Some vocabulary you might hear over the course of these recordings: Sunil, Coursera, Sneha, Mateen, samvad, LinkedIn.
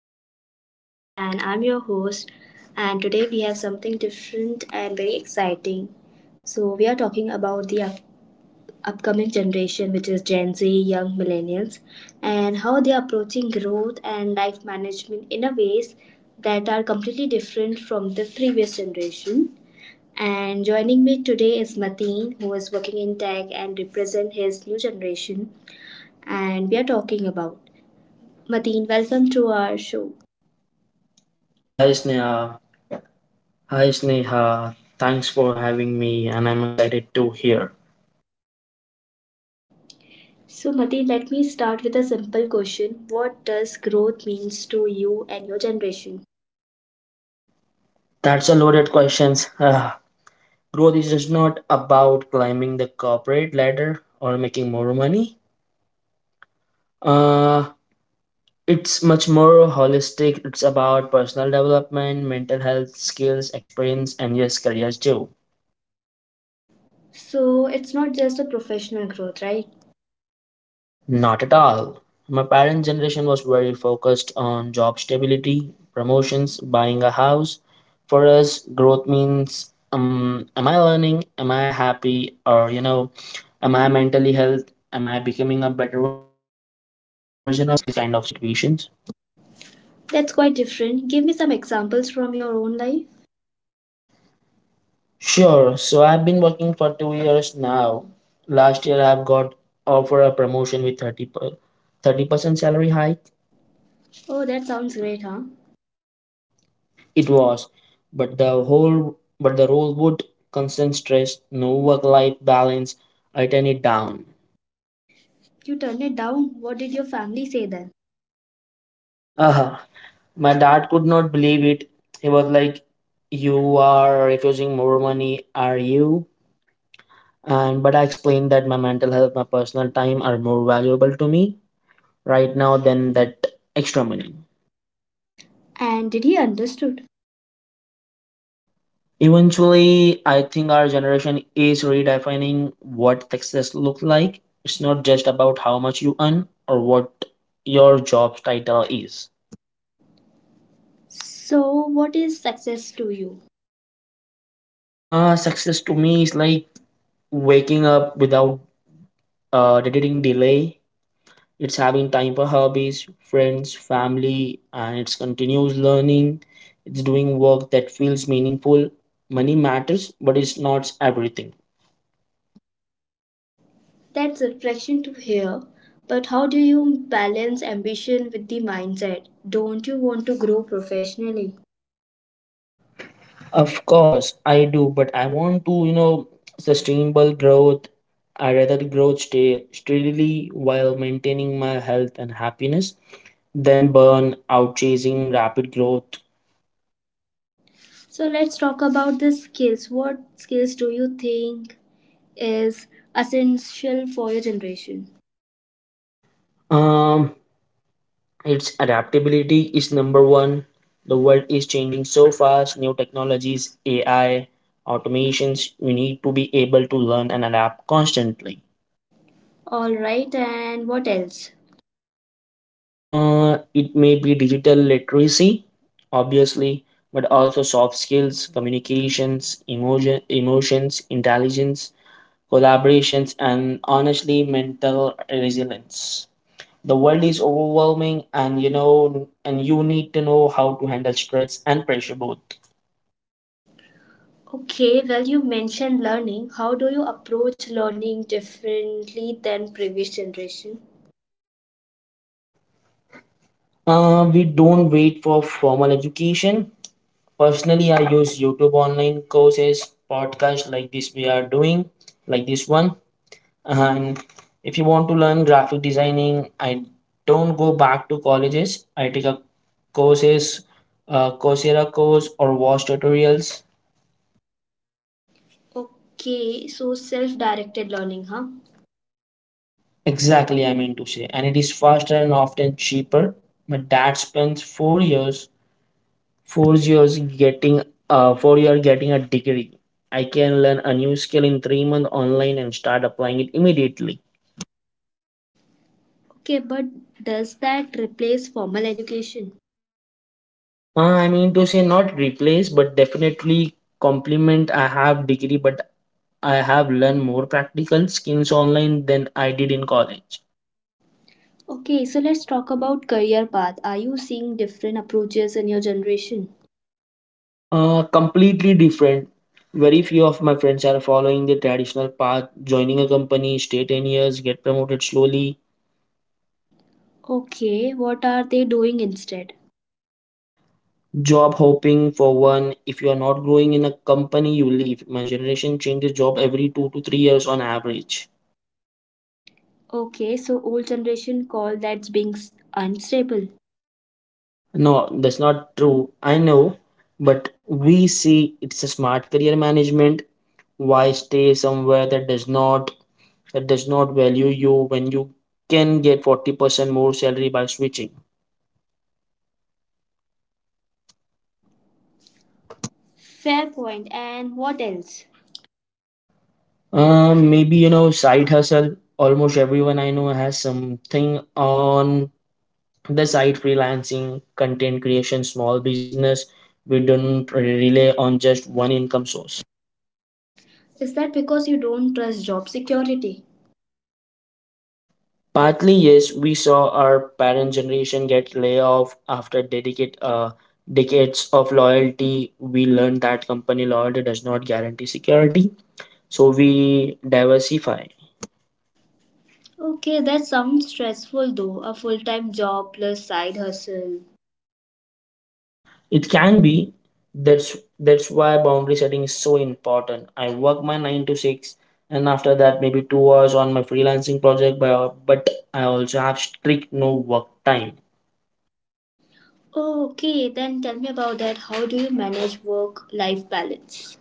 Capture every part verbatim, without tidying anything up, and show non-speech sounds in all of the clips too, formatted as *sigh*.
Talk with Sneha, and I'm your host. And today we have something different and very exciting. So we are talking about the up- upcoming generation, which is Gen Z, young millennials, and how they are approaching growth and life management in a ways that are completely different from the previous generation. And joining me today is Mateen, who is working in tech and represent his new generation and we are talking about Madeen, welcome to our show. Hi Sneha. Hi Sneha. Thanks for having me and I'm excited to hear. So, Madeen, let me start with a simple question. What does growth means to you and your generation? That's a loaded questions. Ah, growth is just not about climbing the corporate ladder or making more money. Uh, it's much more holistic. It's about personal development, mental health, skills, experience and yes, careers too. So, it's not just a professional growth, right? Not at all. My parents' generation was very focused on job stability, promotions, buying a house. For us, growth means um, am I learning? Am I happy? Or, you know, am I mentally health? Am I becoming a better version of myself? Is this kind of situations? That's quite different. Give me some examples from your own life. Sure. So I've been working for two years now. Last year, I've got offer a promotion with thirty per, thirty percent salary hike. Oh, that sounds great, huh? It was, but the whole but the role would constant stress, no work life balance, I turned it down. You turned it down. What did your family say then? Uh-huh. My dad could not believe it. He was like, you are refusing more money, are you? And but I explained that my mental health, my personal time are more valuable to me right now than that extra money. And did he understood? Eventually, I think our generation is redefining what success looks like. It's not just about how much you earn or what your job title is. So, what is success to you? Uh, success to me is like waking up without uh, editing delay. It's having time for hobbies, friends, family, and it's continuous learning. It's doing work that feels meaningful. Money matters, but it's not everything. That's reflection to hear. But how do you balance ambition with the mindset? Don't you want to grow professionally? Of course, I do, but I want to, you know, sustainable growth. I rather growth stay steadily while maintaining my health and happiness than burn out chasing rapid growth. So let's talk about the skills. What skills do you think is essential for your generation? Um, its adaptability is number one. The world is changing so fast. New technologies, A I, automations. We need to be able to learn and adapt constantly. All right, and what else? Uh, it may be digital literacy, obviously, but also soft skills, communications, emotion, emotions, intelligence, collaborations, and honestly, mental resilience. The world is overwhelming, and you know, and you need to know how to handle stress and pressure both. Okay, well, you mentioned learning. How do you approach learning differently than previous generation? Uh, we don't wait for formal education. Personally, I use YouTube online courses, podcasts like this we are doing, like this one. And if you want to learn graphic designing, I don't go back to colleges. I take a courses, uh, Coursera course or watch tutorials. Okay, so self-directed learning, huh? Exactly, I mean to say, and it is faster and often cheaper. My dad spends four years, four years getting, uh, four year getting a degree. I can learn a new skill in three months online and start applying it immediately. Okay, but does that replace formal education? Uh, I mean to say not replace, but definitely complement. I have degree, but I have learned more practical skills online than I did in college. Okay, so let's talk about career path. Are you seeing different approaches in your generation? Uh, completely different. Very few of my friends are following the traditional path, joining a company, stay ten years, get promoted slowly, Okay, what are they doing instead? job hopping for one. If you are not growing in a company, you leave. My generation changes job every two to three years on average. Okay, so old generation call that being s- unstable. No, that's not true. I know, but we see it's a smart career management. Why stay somewhere that does not that does not value you when you can get forty percent more salary by switching. Fair point. And what else? Um, maybe you know side hustle. Almost everyone I know has something on the side freelancing, content creation, small business. We don't rely on just one income source. Is that because you don't trust job security? Partly, yes, we saw our parent generation get laid off after dedicate uh, decades of loyalty. We learned that company loyalty does not guarantee security, so we diversify. Okay, that sounds stressful though. A full-time job plus side hustle. It can be. That's that's why boundary setting is so important. I work my nine to six, and after that maybe two hours on my freelancing project. But but I also have strict no work time. Oh, okay, then tell me about that. How do you manage work-life balance?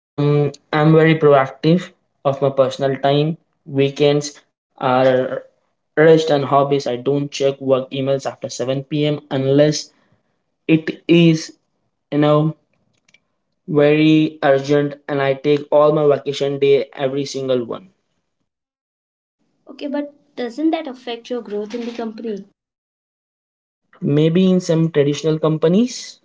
Um, I'm very proactive of my personal time. Weekends are rest and hobbies. I don't check work emails after seven p m unless it is, you know, very urgent, and I take all my vacation day every single one. Okay, but doesn't that affect your growth in the company? Maybe in some traditional companies,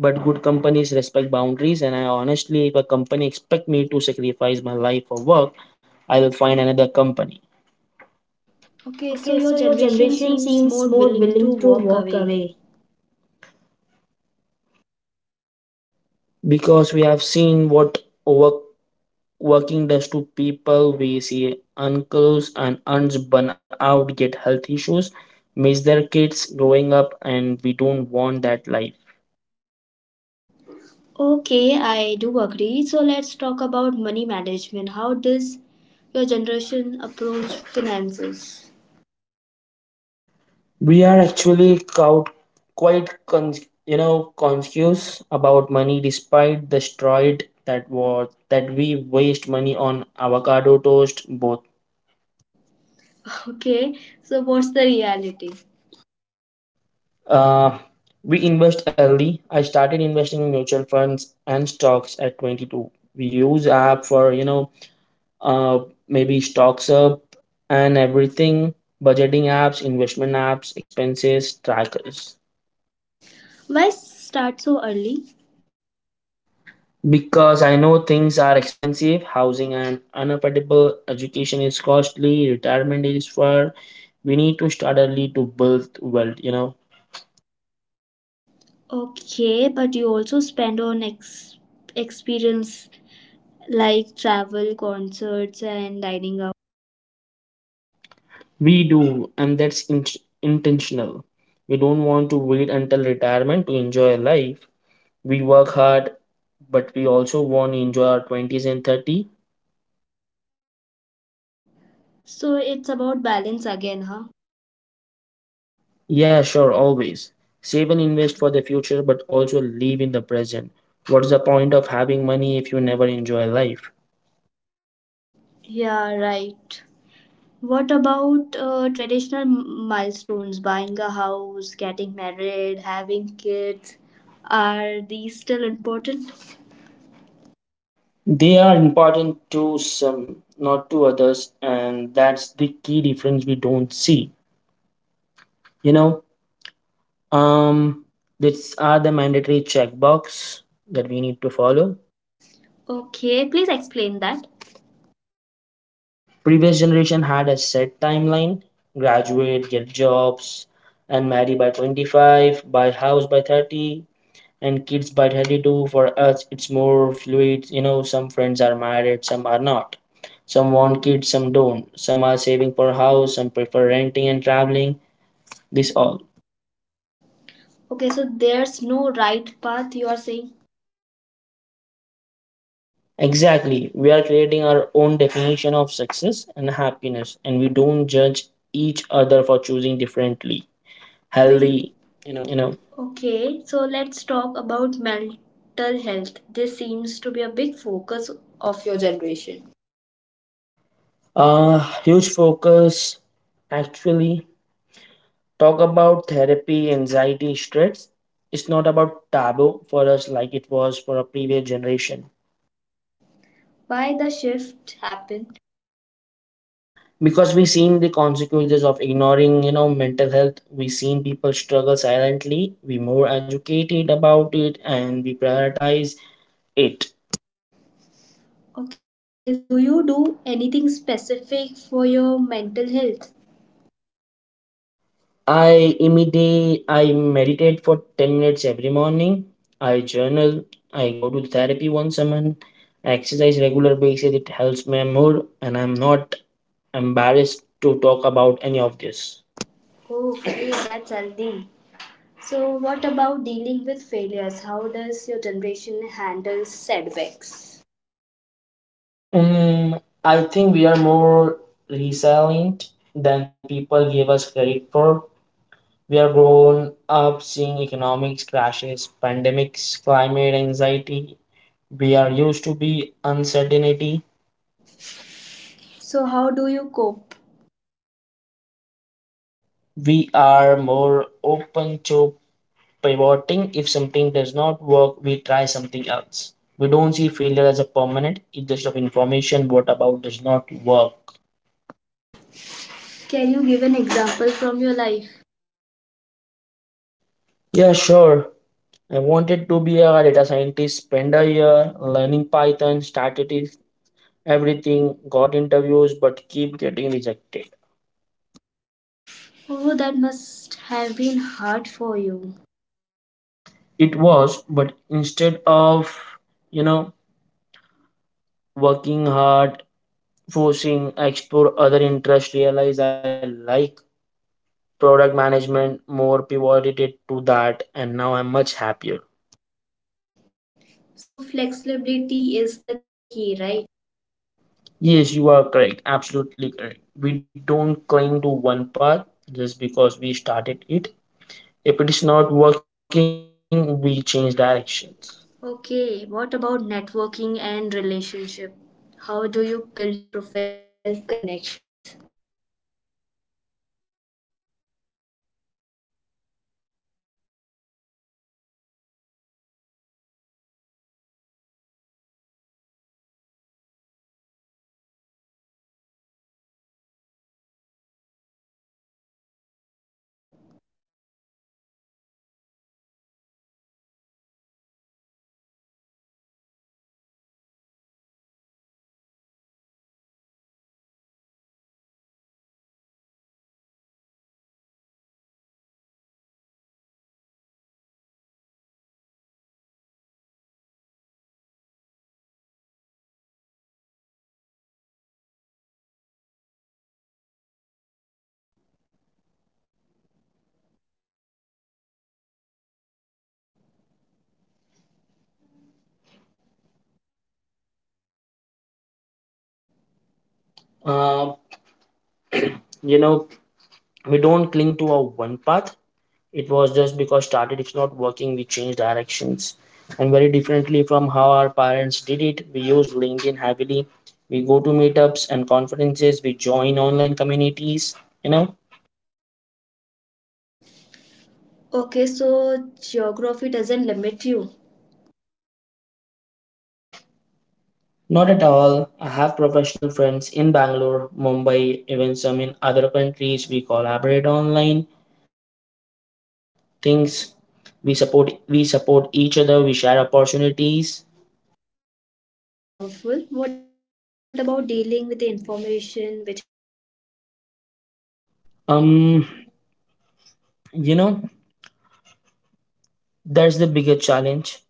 but good companies respect boundaries. And I honestly, if a company expect me to sacrifice my life for work, I will find another company. Okay, so Okay, so your your generation generation seems seems more more willing to willing to walk walk away. away. Because we have seen what work working does to people. We see uncles and aunts burn out, get health issues, miss their kids growing up, and we don't want that life. Okay, I do agree. So let's talk about money management. How does your generation approach finances? *laughs* We are actually quite, quite con- you know conscious about money despite the stride that was that we waste money on avocado toast both. Okay, so what's the reality? uh, we invest early. I started investing in mutual funds and stocks at twenty-two. We use app for you know, uh, maybe stocks up and everything, budgeting apps, investment apps, expenses trackers. Why start so early? Because I know things are expensive, housing and unaffordable, education is costly, retirement is far. We need to start early to build wealth, you know. Okay, but you also spend on ex- experience like travel, concerts, and dining out. We do, and that's in- intentional. We don't want to wait until retirement to enjoy life. We work hard, but we also want to enjoy our twenties and thirty. So it's about balance again, huh? Yeah, sure, always. Save and invest for the future, but also live in the present. What's the point of having money if you never enjoy life? Yeah, right. What about uh, traditional m- milestones, buying a house, getting married, having kids? Are these still important? They are important to some, not to others, and that's the key difference we don't see. You know, um, these are the mandatory checkbox that we need to follow. Okay, please explain that. Previous generation had a set timeline: graduate, get jobs, and marry by twenty-five, buy house by thirty, and kids by thirty-two. For us it's more fluid, you know, some friends are married, some are not, some want kids, some don't, some are saving for house, some prefer renting and traveling, this all. Okay, so there's no right path, you are saying? Exactly, we are creating our own definition of success and happiness, and we don't judge each other for choosing differently. Healthy, Healthy. you You know. know, Okay, so let's talk about mental health. This seems to be a big focus of your generation. uh huge focus actually. Talk about therapy, anxiety, stress, it's not about taboo for us like it was for a previous generation. Why the shift happened? Because we seen the consequences of ignoring, you know, mental health. We seen people struggle silently. We more educated about it and we prioritize it. Okay, so do you do anything specific for your mental health? I immediately I meditate for ten minutes every morning. I journal. I go to therapy once a month. I exercise regular basis. It helps my mood, and I'm not embarrassed to talk about any of this. Okay, that's healthy. So, what about dealing with failures? How does your generation handle setbacks? Um, I think we are more resilient than people give us credit for. We are grown up seeing economics crashes, pandemics, climate anxiety. We are used to be uncertainty. So, how do you cope? We are more open to pivoting. If something does not work, we try something else. We don't see failure as a permanent, it's just of information what about does not work. Can you give an example from your life? Yeah, sure. I wanted to be a data scientist, spend a year learning python, started it, everything, got interviews but keep getting rejected. Oh, that must have been hard for you. It was, but instead of, you know, working hard forcing, I explore other interests, realize I like product management more, pivoted to that and now I'm much happier. So, flexibility is the key, right? Yes, you are correct, absolutely correct. We don't cling to one path just because we started it. If it is not working, we change directions. Okay, what about networking and relationship? How do you build professional connections? um Very different from how our parents did it. We use linkedin heavily, we go to meetups and conference, we join online communities. Online Online communities, what it communities, what it is? is? uh, you know, we don't cling to a one path, it was just because started it's not working, we change directions. And very differently from how our parents did it, we use linkedin heavily, we go to meetups and conferences, we join online communities, you know. Okay, so geography doesn't limit you. Not at all, I have professional friends in bangalore mumbai, even some in other countries, we collaborate online things. We support we support each other, we share opportunities. Okay, that's powerful. What about dealing with the information which is overload? um you know, that's the bigger challenge.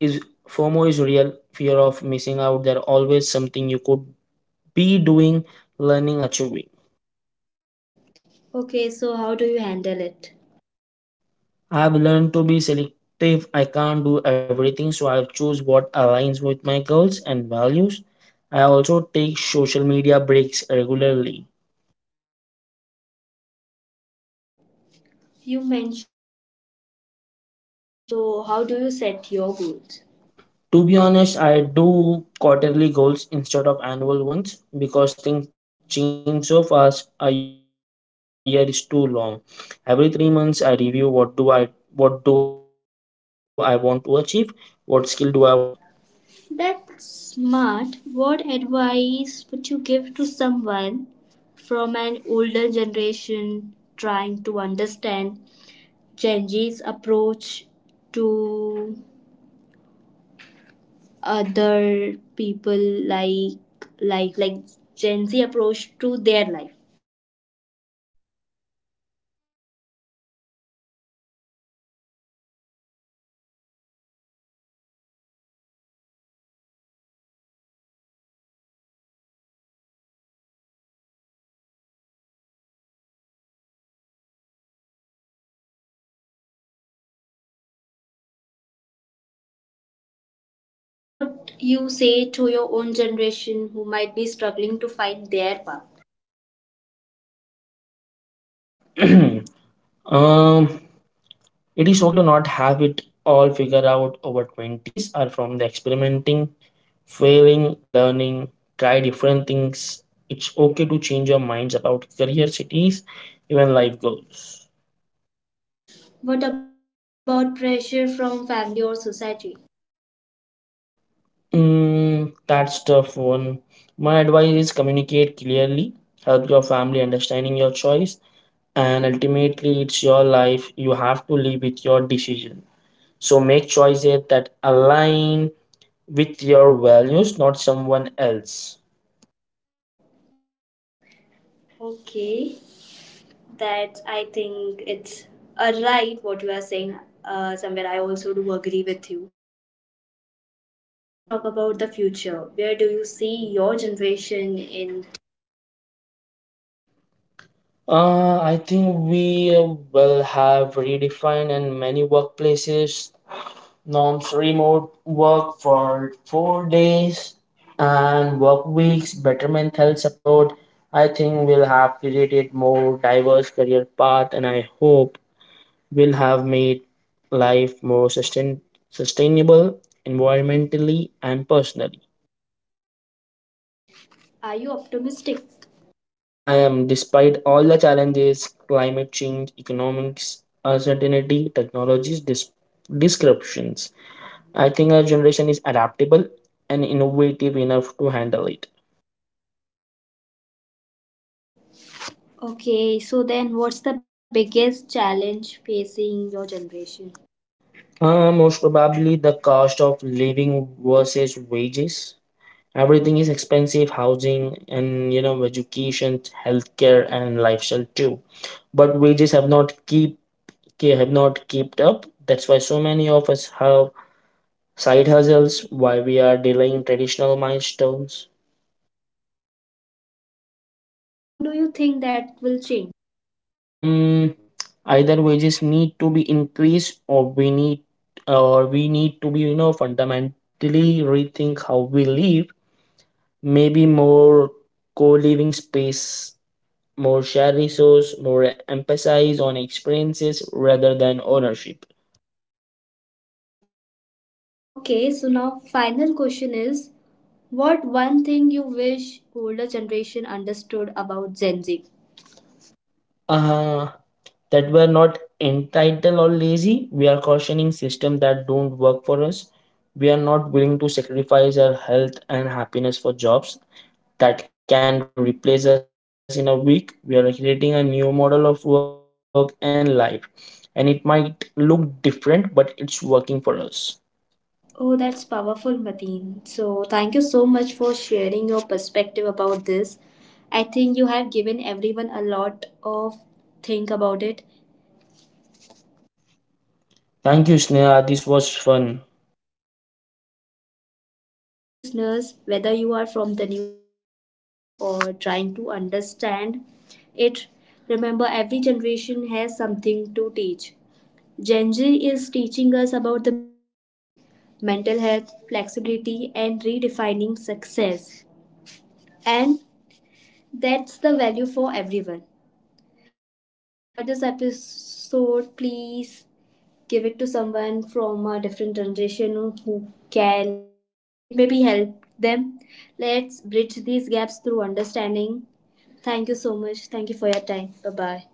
Is FOMO is real, fear of missing out. There always something you could be doing, learning, achieving. Okay, so how do you handle it? I've learned to be selective. I can't do everything, so I choose what aligns with my goals and values. I also take social media breaks regularly. You mentioned goals, so how do you set your goals? To be honest, I do quarterly goals instead of annual ones because things change so fast. A year is too long. Every three months, I review what do I what do I want to achieve, what skill do I want to develop. That's smart. What advice would you give to someone from an older generation trying to understand Gen Z's approach to other people like like like Gen Z approach to their life? Uh, I'd say our priorities are different, but that does not make that them wrong. We value experiences, our passions, and we value mental health over grinding. We value flexibility. Instability is not the we are lazy or entitled. We just define success differently. Okay, and what you say to your own generation who might be struggling to find their path? *clears throat* um, it is okay to not have it all figured out. Over twenties are from the experimenting, failing, learning, try different things. It's okay to change your minds about career, cities, even life goals. What about pressure from family or society? Mm, that's tough one. My advice is communicate clearly. Help your family understanding your choice, and ultimately it's your life, you have to live with your decision, so make choices that align with your values, not someone else. Okay, that I think it's a right what you are saying. Uh, somewhere I also do agree with you. So let's talk about the future. Where do you see your generation in? uh, I think we uh, will have redefined and many workplaces norms, remote work for four days and work weeks, better mental health support. I think we'll have created more diverse career path, and I hope will have made life more sustain- sustainable, environmentally and personally. Are you optimistic? I am, despite all the challenges, climate change, economics, uncertainty, technologies, dis- disruptions, I think our generation is adaptable and innovative enough to handle it. Okay, so then what's the biggest challenge facing your generation? Uh, most probably the cost of living versus wages. Everything is expensive, housing and you know education, healthcare and lifestyle too, but wages have not keep ke- have not kept up. That's why so many of us have side hustles. Why we are delaying traditional milestones. And how do you think that will change? Um, Either wages need to be increased, or we need, or we need to be, you know, fundamentally rethink how we live. Maybe more co-living space, more shared resource, more emphasis on experiences rather than ownership. Okay, so now final question is what one thing you wish older generation understood about Gen Z? Uh, that we're not entitled or lazy. We are cautioning systems that don't work for us. We are not willing to sacrifice our health and happiness for jobs that can replace us in a week. We are creating a new model of work and life, and it might look different, but it's working for us. Oh, that's powerful, Mateen. So thank you so much for sharing your perspective about this. I think you have given everyone a lot of think about it. Thank you, Sneha. This was fun. You're welcome, and to all listeners, whether you are from the new generation or trying to understand it, remember every generation has something to teach. Gen Z is teaching us about the boundaries, mental health, flexibility, and redefining success. And that's the value for everyone. If you enjoyed this episode, please give it to someone from a different generation who can it, it may be help them. Let's bridge these gaps through understanding. Thank you so much. Thank you for your time. Bye bye.